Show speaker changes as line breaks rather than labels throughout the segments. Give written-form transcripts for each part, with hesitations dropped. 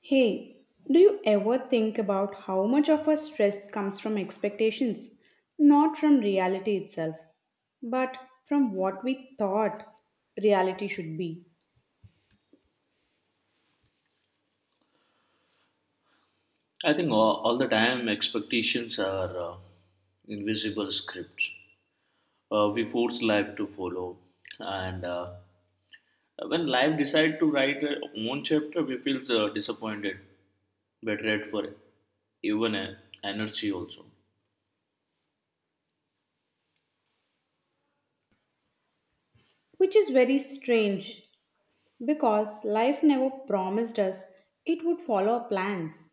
Hey, do you ever think about how much of our stress comes from expectations? Not from reality itself, but from what we thought reality should be.
I think all the time expectations are invisible scripts. We force life to follow, and when life decides to write a own chapter, we feel disappointed, betrayed for even energy also.
Which is very strange because life never promised us it would follow our plans.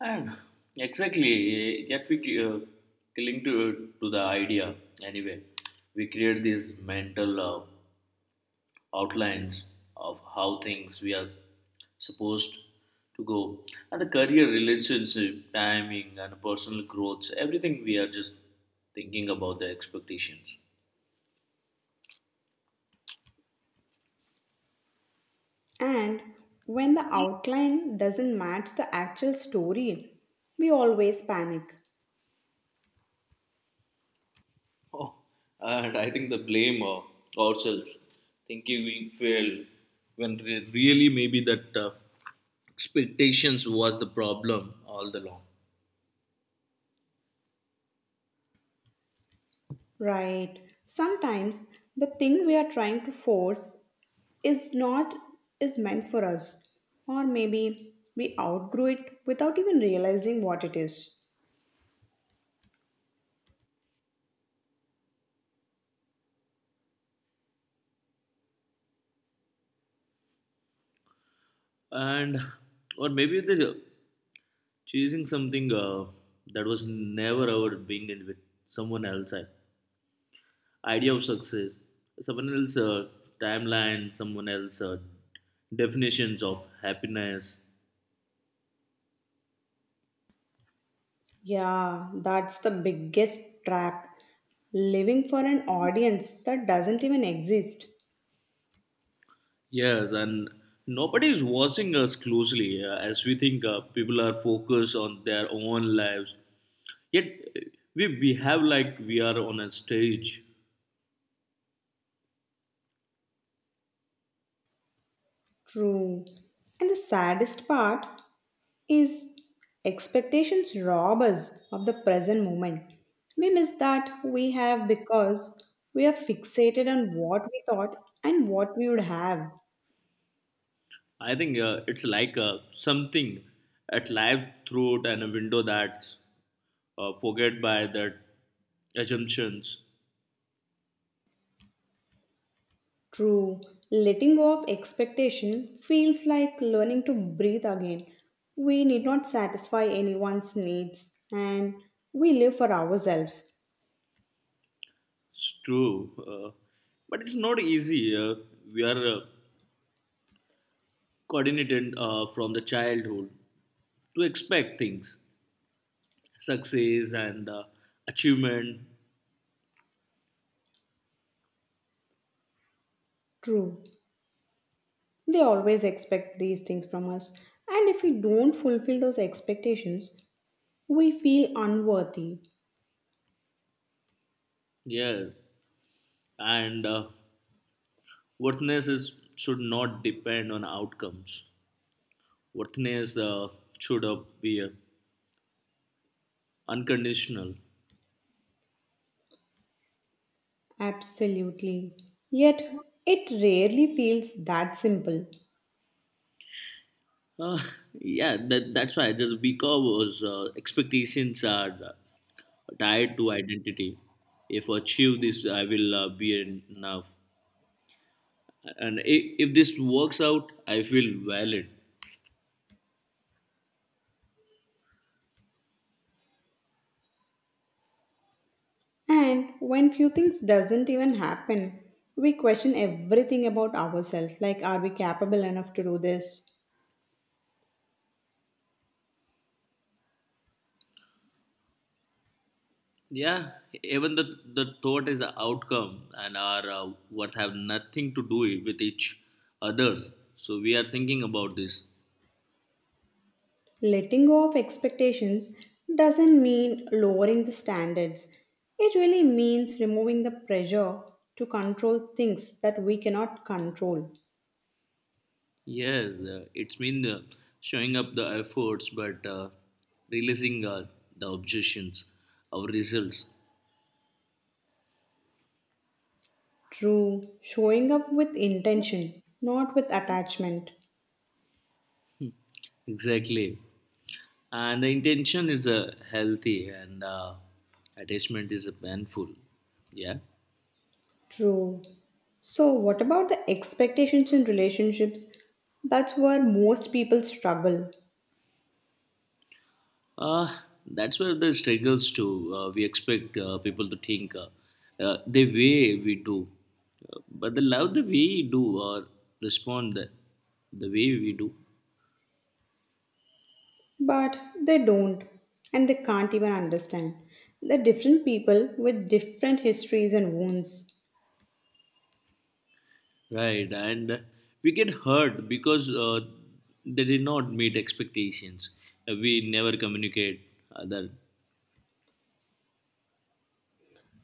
And exactly, yet we uh, cling to the idea anyway. We create this mental outlines of how things we are supposed to go, and the career relationship timing and personal growth, everything we are just thinking about the expectations.
And when the outline doesn't match the actual story, we always panic.
Oh, and I think the blame of ourselves thinking we failed when really maybe that expectations was the problem all the long.
Right. Sometimes the thing we are trying to force is not is meant for us, or maybe we outgrow it without even realizing what it is.
And or maybe they're chasing something that was never ever being in with someone else idea of success, someone else timeline, someone else definitions of happiness.
Yeah, that's the biggest trap, living for an audience that doesn't even exist.
Yes, and nobody is watching us closely as we think people are focused on their own lives, yet uh, we behave like we are on a stage.
True, and the saddest part is expectations rob us of the present moment. We miss that we have because we are fixated on what we thought and what we would have.
I think it's like something at live throat and a window that's forget by that assumptions.
True, letting go of expectation feels like learning to breathe again. We need not satisfy anyone's needs, and we live for ourselves.
It's true, but it's not easy. We are coordinated from the childhood to expect things, success and achievement.
True, they always expect these things from us, and if we don't fulfill those expectations, we feel unworthy.
Yes, and worthiness is, should not depend on outcomes. Worthiness should be unconditional.
Absolutely. Yet, it rarely feels that simple.
Uh, yeah, that's why just because expectations are tied to identity. If I achieve this, I will be enough. And if this works out, I feel valid.
And when few things doesn't even happen, we question everything about ourselves, like are we capable enough to do this?
Yeah, even the thought is an outcome and are what have nothing to do with each others. So we are thinking about this.
Letting go of expectations doesn't mean lowering the standards. It really means removing the pressure to control things that we cannot control.
Yes, it's mean showing up the efforts, but releasing the objections, our results.
True, showing up with intention, not with attachment.
Exactly. And the intention is healthy and attachment is painful. Yeah.
True. So, what about the expectations in relationships? That's where most people struggle.
Uh, that's where the struggles to we expect people to think the way we do. But the love the way we do or respond the way we do.
But they don't, and they can't even understand. They're different people with different histories and wounds.
Right, and we get hurt because they did not meet expectations. We never communicate other,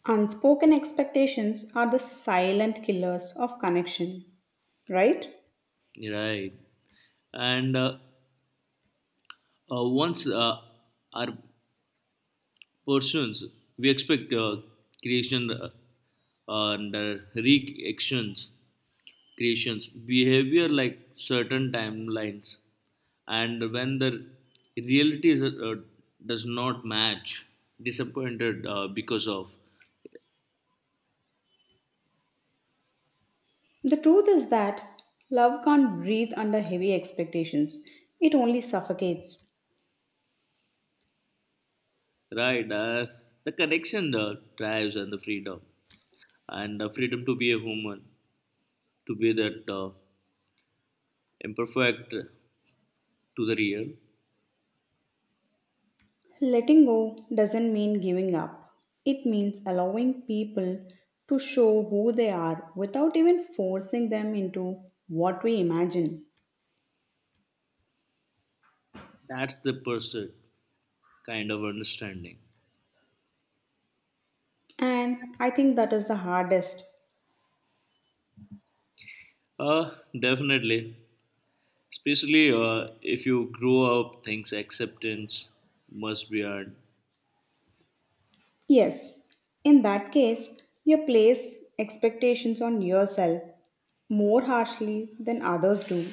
Unspoken expectations are the silent killers of connection, right?
right? And once our persons we expect creation and reactions creations behavior like certain timelines, and when the reality is, does not match disappointed because of.
The truth is that love can't breathe under heavy expectations, it only suffocates.
Right, the connection the drives and the freedom, and the freedom to be a human, to be that imperfect, to the real.
Letting go doesn't mean giving up, it means allowing people to show who they are without even forcing them into what we imagine.
That's the person kind of understanding.
And I think that is the hardest.
Uh, Definitely. Especially if you grow up, things acceptance must be earned.
Yes, in that case, you place expectations on yourself more harshly than others do.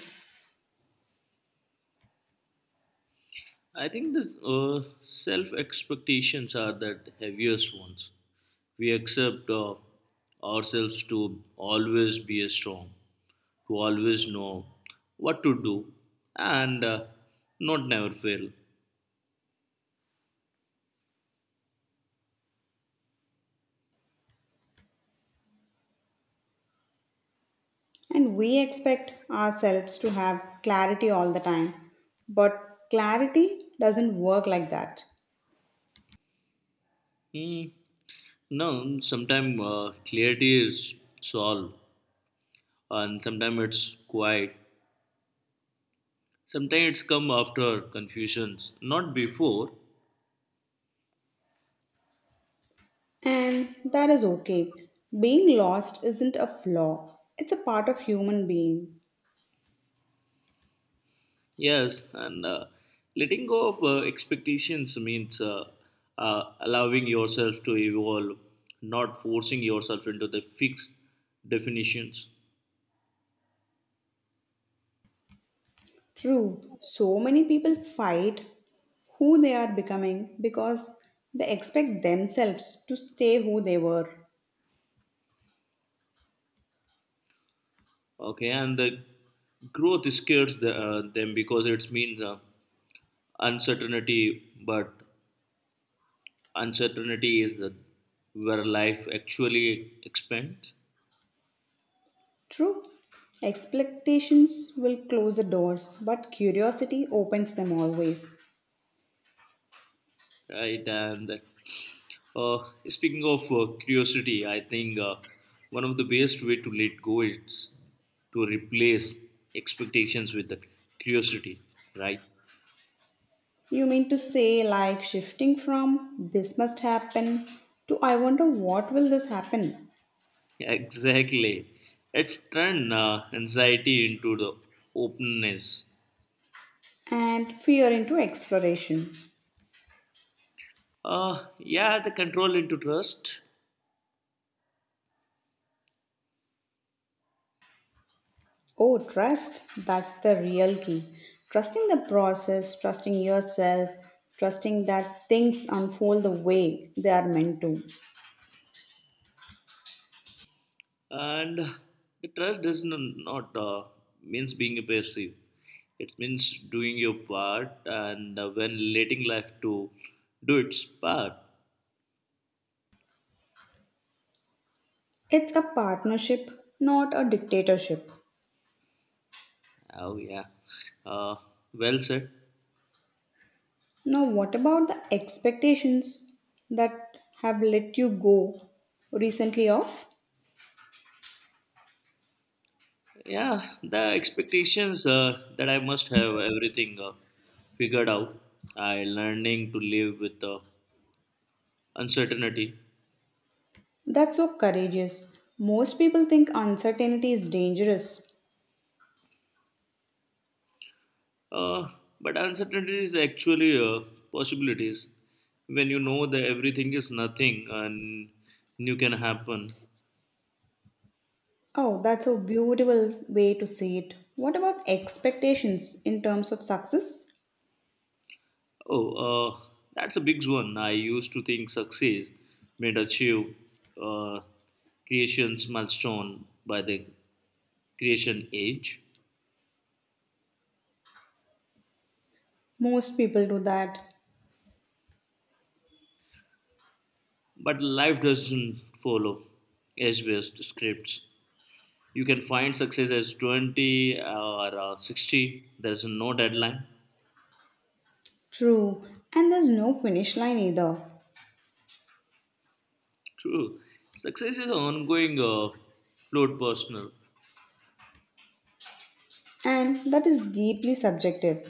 I think the self expectations are the heaviest ones. We accept ourselves to always be a strong, to always know what to do, and not never fail.
And we expect ourselves to have clarity all the time. But clarity doesn't work like that.
Mm, no, sometimes clarity is solved, and sometimes it's quiet, sometimes it's come after confusions, not before.
And that is okay. Being lost isn't a flaw, it's a part of human being.
Yes, and letting go of expectations means allowing yourself to evolve, not forcing yourself into the fixed definitions.
True, so many people fight who they are becoming because they expect themselves to stay who they were.
Okay, and the growth scares them because it means uncertainty, but uncertainty is where life actually expands.
True, expectations will close the doors, but curiosity opens them always.
Right, and uh, speaking of curiosity, I think one of the best way to let go is to replace expectations with the curiosity, right?
You mean to say, like shifting from this must happen to I wonder what will this happen,
Exactly, it's turned anxiety into the openness.
and fear into exploration.
Yeah, the control into trust.
Oh, trust, that's the real key. Trusting the process, trusting yourself, trusting that things unfold the way they are meant to.
And the trust does not means being passive, it means doing your part and when letting life to do its part.
It's a partnership, not a dictatorship.
Oh yeah, uh, well said.
Now, what about the expectations that have let you go recently off?
Yeah, the expectations that I must have everything figured out, I learning to live with uncertainty.
That's so courageous. Most people think uncertainty is dangerous.
Uh, but uncertainty is actually possibilities. When you know that everything is nothing and new can happen.
Oh, that's a beautiful way to see it. What about expectations in terms of success?
Oh, uh, that's a big one. I used to think success meant achieve uh, creation's milestone by the creation age.
Most people do that.
But life doesn't follow as best scripts. You can find success as 20 or 60. There's no deadline.
True. And there's no finish line either.
True. Success is ongoing fluid personal.
And that is deeply subjective.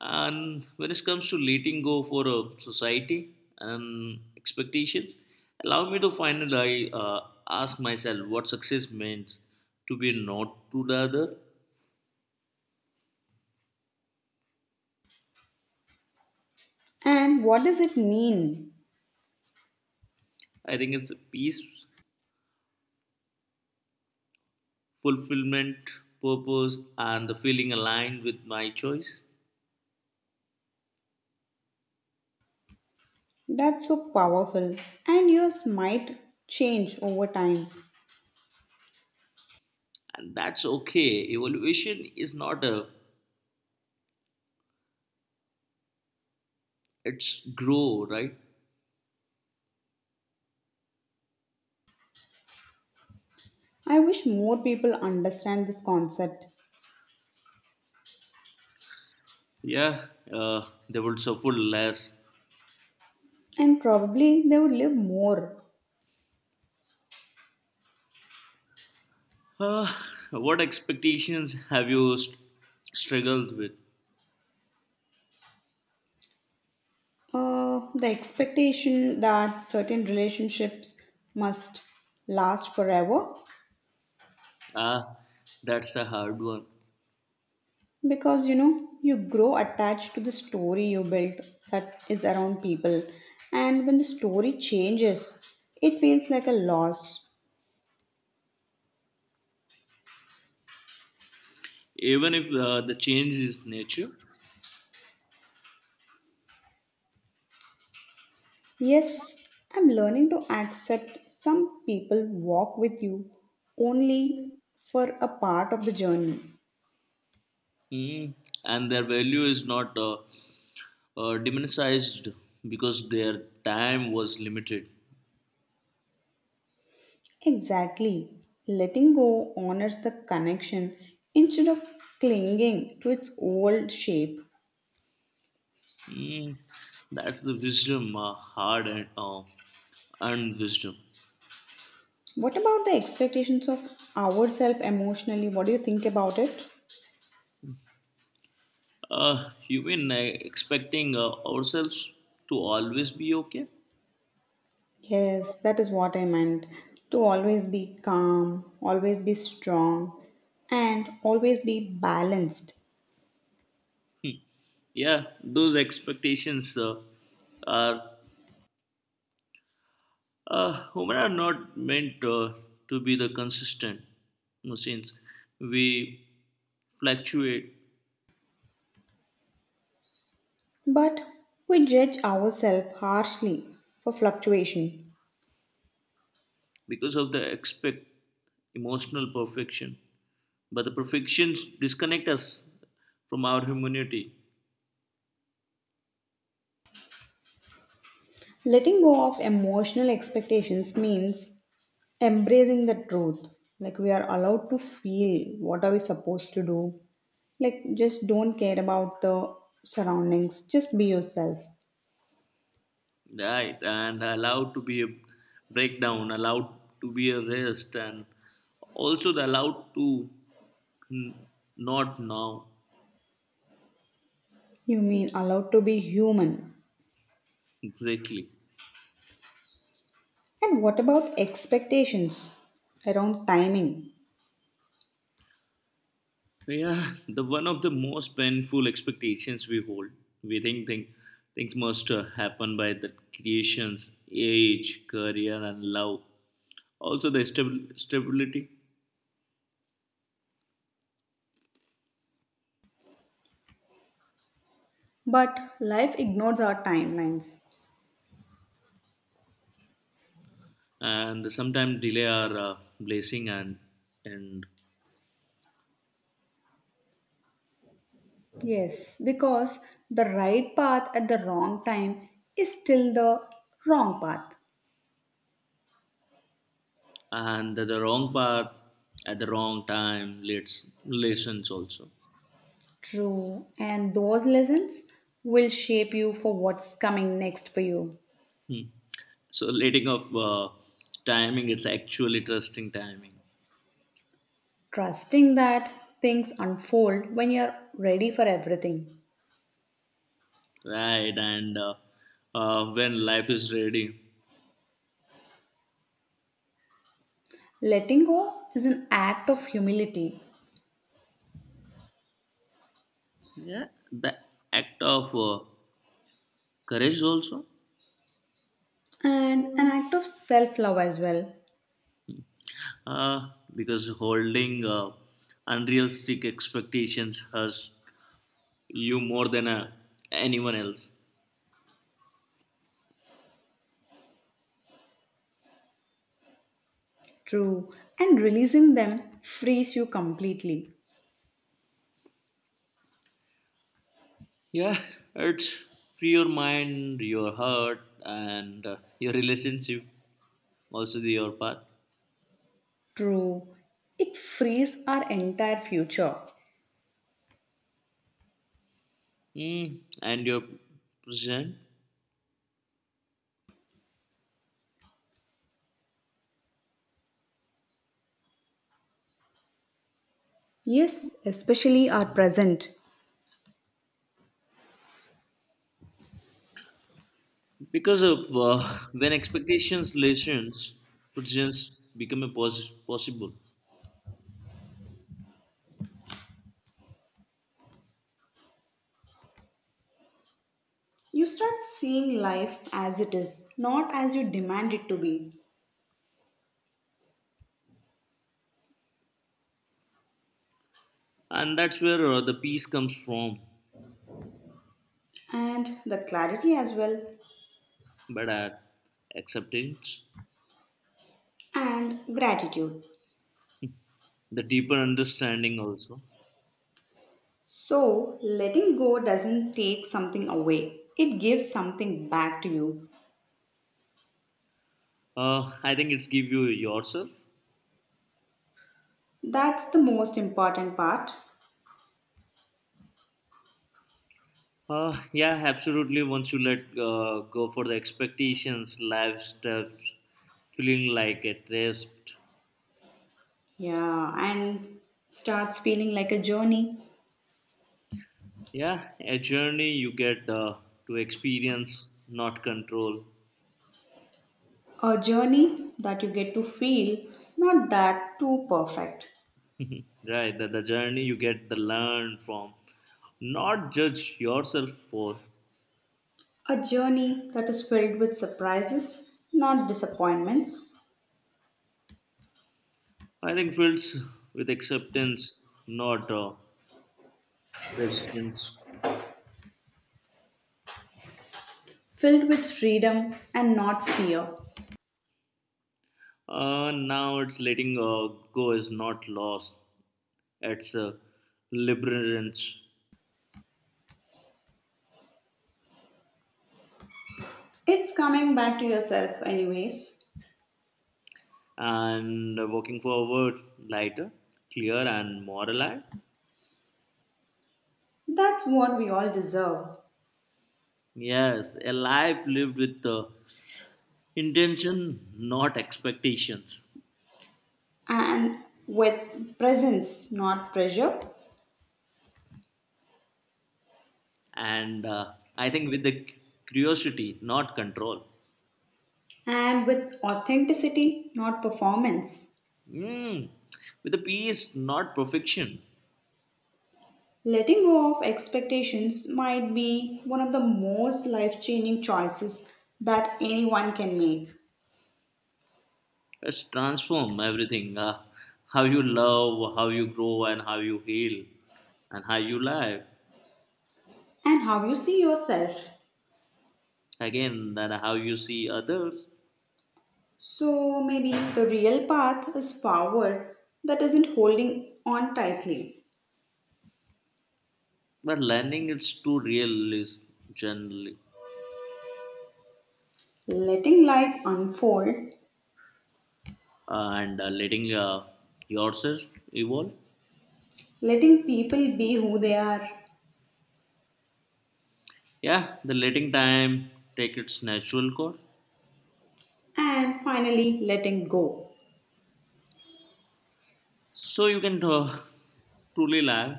And when it comes to letting go for a society and expectations, allow me to finally ask myself what success means to be not to the other.
And what does it mean?
I think it's peace, fulfillment, purpose, and the feeling aligned with my choice.
That's so powerful. And yours might change over time.
And that's okay. Evolution is not a, it's grow, right?
I wish more people understand this concept.
Yeah, they will suffer less.
And probably they would live more.
Uh, what expectations have you struggled with?
The expectation that certain relationships must last forever,
Ah, that's a hard one.
because you know you grow attached to the story you built that is around people, and when the story changes it feels like a loss.
Even if the change is nature.
Yes, I'm learning to accept some people walk with you only for a part of the journey.
Mm, and their value is not diminished because their time was limited.
Exactly, letting go honors the connection instead of clinging to its old shape.
Mm, that's the wisdom, hard and wisdom.
What about the expectations of ourselves emotionally, what do you think about it?
You mean expecting ourselves to always be okay?
Yes, that is what I meant. To always be calm, always be strong, and always be balanced.
Yeah, those expectations are human are not meant to be the consistent machines. We fluctuate
But we judge ourselves harshly for fluctuation.
because of the expect emotional perfection, but the perfections disconnect us from our humanity,
Letting go of emotional expectations means embracing the truth. Like we are allowed to feel what are we supposed to do. Like just don't care about the surroundings, just be yourself.
right? And allowed to be a breakdown, allowed to be a rest, and also the allowed to n- not now,
You mean allowed to be human.
exactly.
And what about expectations around timing?
So, yeah, the one of the most painful expectations we hold. We think things must happen by the creation's age, career, and love. Also, the stability,
But life ignores our timelines.
and the sometimes delay are blessing and.
Yes, because the right path at the wrong time is still the wrong path.
And the wrong path at the wrong time leads lessons also.
True, and those lessons will shape you for what's coming next for you.
Hmm. So letting of timing, it's actually trusting timing.
Trusting that things unfold when you're ready for everything.
Right, and when life is ready.
Letting go is an act of humility
Yeah, the act of courage also.
and an act of self love as well.
uh, because holding unrealistic expectations has you more than anyone else.
True. And releasing them frees you completely.
Yeah, it's free your mind, your heart, and your relationship, also the your path.
True. It frees our entire future.
Mm, and your present.
Yes, especially our present.
Because of when expectations lessens, presence become a possible,
You start seeing life as it is, not as you demand it to be.
and that's where the peace comes from.
And the clarity as well,
But at acceptance,
and gratitude.
the deeper understanding also.
So, letting go doesn't take something away, it gives something back to you.
I think it's give you yourself.
That's the most important part.
Yeah, absolutely. Once you let go for the expectations, life steps, feeling like a rest.
Yeah, and starts feeling like a journey.
Yeah, a journey you get to experience, not control.
A journey that you get to feel, not that too perfect.
Right, the journey you get the learn from, not judge yourself for.
A journey that is filled with surprises, not disappointments.
I think fields with acceptance, not resistance.
Filled with freedom and not fear.
Now it's letting go is not loss. It's liberance,
It's coming back to yourself, anyways.
and walking forward lighter, clear and more alive.
That's what we all deserve.
Yes, a life lived with intention, not expectations.
And with presence, not pressure.
And I think with the curiosity, not control.
And with authenticity, not performance.
Mm, with the peace, not perfection.
Letting go of expectations might be one of the most life changing choices that anyone can make.
Let's transform everything. How you love, how you grow, and how you heal, and how you live.
And how you see yourself.
Again, then how you see others.
So maybe the real path is forward that isn't holding on tightly.
But learning is too real is generally,
Letting life unfold,
and letting yourself evolve.
letting people be who they are,
Yeah, the letting time take its natural course
and finally letting go.
so you can truly live.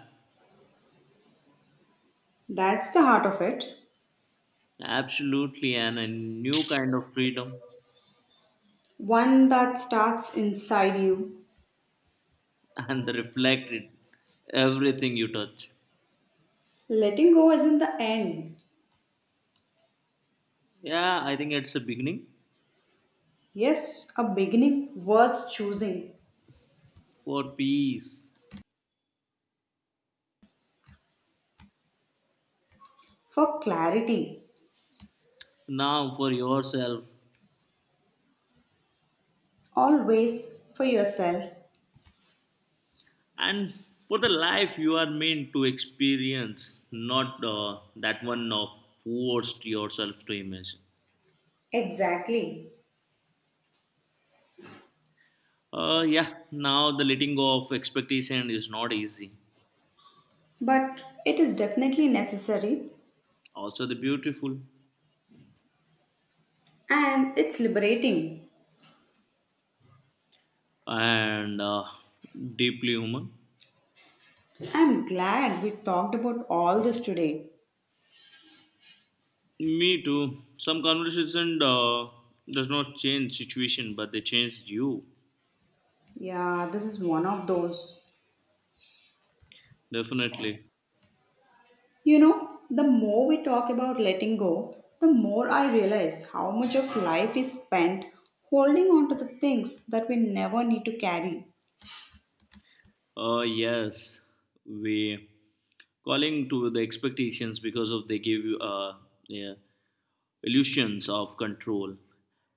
That's the heart of it.
Absolutely, and a new kind of freedom,
One that starts inside you.
and the reflect it everything you touch.
Letting go isn't the end.
Yeah, I think it's a beginning
Yes, a beginning worth choosing,
for peace,
for clarity,
now for yourself,
always for yourself.
and for the life you are meant to experience, not that one of forced yourself to imagine.
Exactly.
Yeah, now the letting go of expectation is not easy.
But it is definitely necessary,
Also, the beautiful
and it's liberating.
and deeply human.
I'm glad we talked about all this today.
Me too. Some conversation does not change situation, but they change you.
Yeah, this is one of those.
Definitely.
You know, the more we talk about letting go, the more I realize how much of life is spent holding on to the things that we never need to carry.
Yes, we calling to the expectations because of they give you yeah, illusions of control,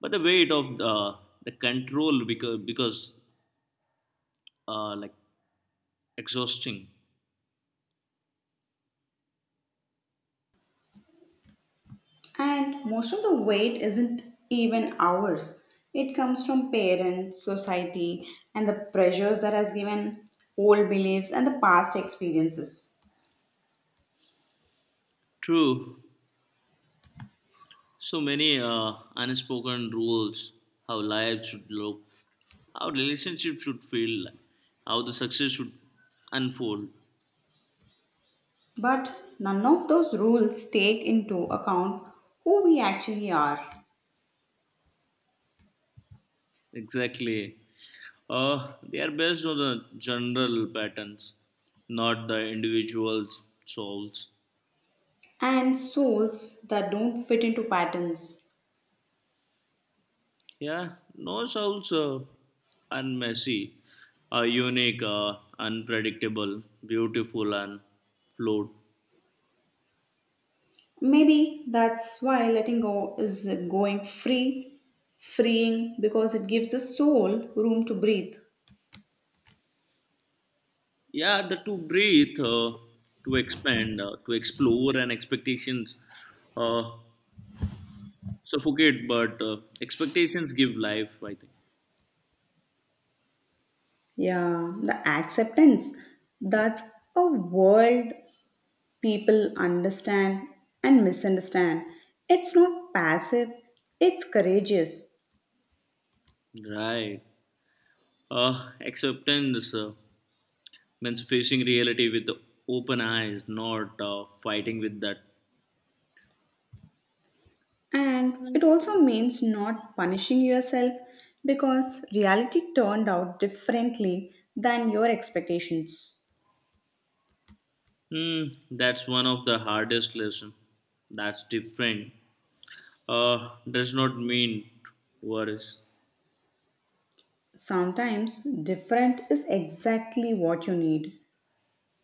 but the weight of the control because like exhausting.
And most of the weight isn't even ours. It comes from parents, society, and the pressures that has given old beliefs and the past experiences.
True, so many unspoken rules, how life should look, how relationships should feel, like, how the success should unfold.
But none of those rules take into account who we actually are,
Exactly. They are based on the general patterns, not the individual's souls.
and souls that don't fit into patterns.
Yeah, no souls are messy, are unique, unpredictable, beautiful, and flawed.
Maybe that's why letting go is going free, freeing because it gives the soul room to breathe.
Yeah, the to breathe to expand to explore, and expectations uh, suffocate, but expectations give life, I think.
Yeah, the acceptance. That's a word people understand and misunderstand. It's not passive, it's courageous.
Right, acceptance means facing reality with open eyes, not fighting with that.
And it also means not punishing yourself because reality turned out differently than your expectations.
Hmm, that's one of the hardest lesson, that's different does not mean worries.
Sometimes different is exactly what you need,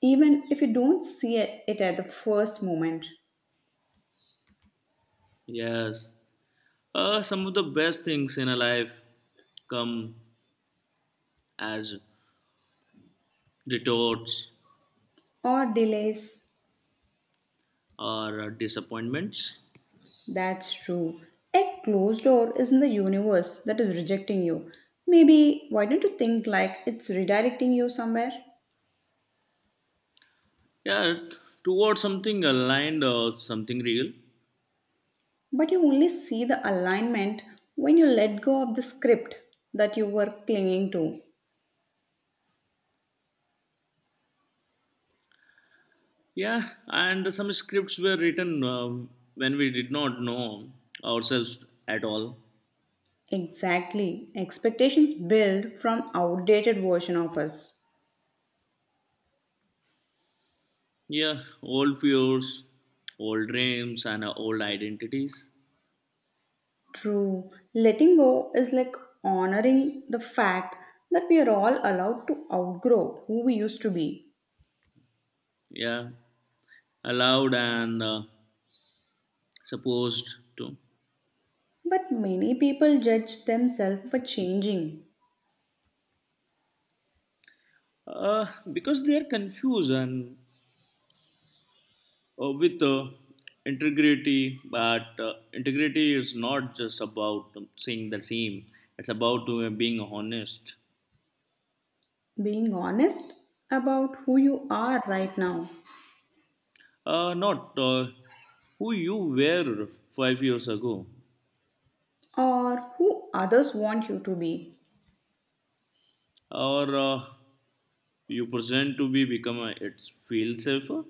even if you don't see it at the first moment.
Yes, some of the best things in a life come as retorts,
Or delays.
or disappointments.
That's true. A closed door isn't the universe that is rejecting you. Maybe why don't you think like it's redirecting you somewhere?
Yeah, towards something aligned or something real.
But you only see the alignment when you let go of the script that you were clinging to.
Yeah, and some scripts were written when we did not know ourselves at all.
Exactly. Expectations build from outdated version of us.
Yeah, old fears, old dreams, and old identities.
True. Letting go is like honoring the fact that we are all allowed to outgrow who we used to be.
Yeah, allowed and supposed to.
But many people judge themselves for changing.
uh, because they are confused and with integrity, but integrity is not just about saying the same, it's about being honest.
Being honest about who you are right now,
Not who you were 5 years ago.
or who others want you to be.
Or you present to be it's feel safer.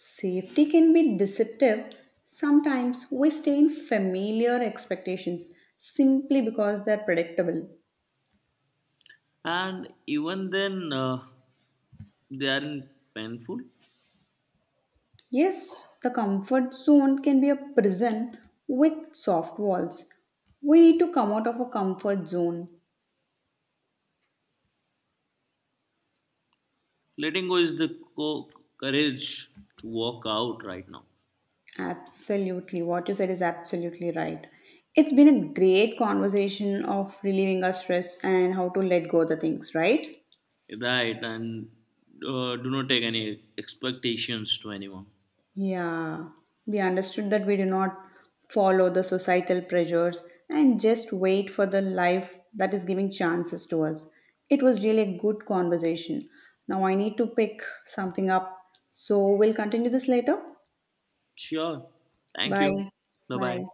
Safety can be deceptive. Sometimes we stay in familiar expectations simply because they're predictable.
And even then they aren't painful.
Yes, the comfort zone can be a prison with soft walls. We need to come out of a comfort zone.
Letting go is the co- courage to walk out right now.
Absolutely. What you said is absolutely right. It's been a great conversation of relieving our stress and how to let go the things, right?
Right, and do not take any expectations to anyone.
Yeah. We understood that we do not follow the societal pressures and just wait for the life that is giving chances to us. It was really a good conversation. Now I need to pick something up. So we'll continue this later.
Sure. Thank you.
Bye.
Bye bye.
Bye.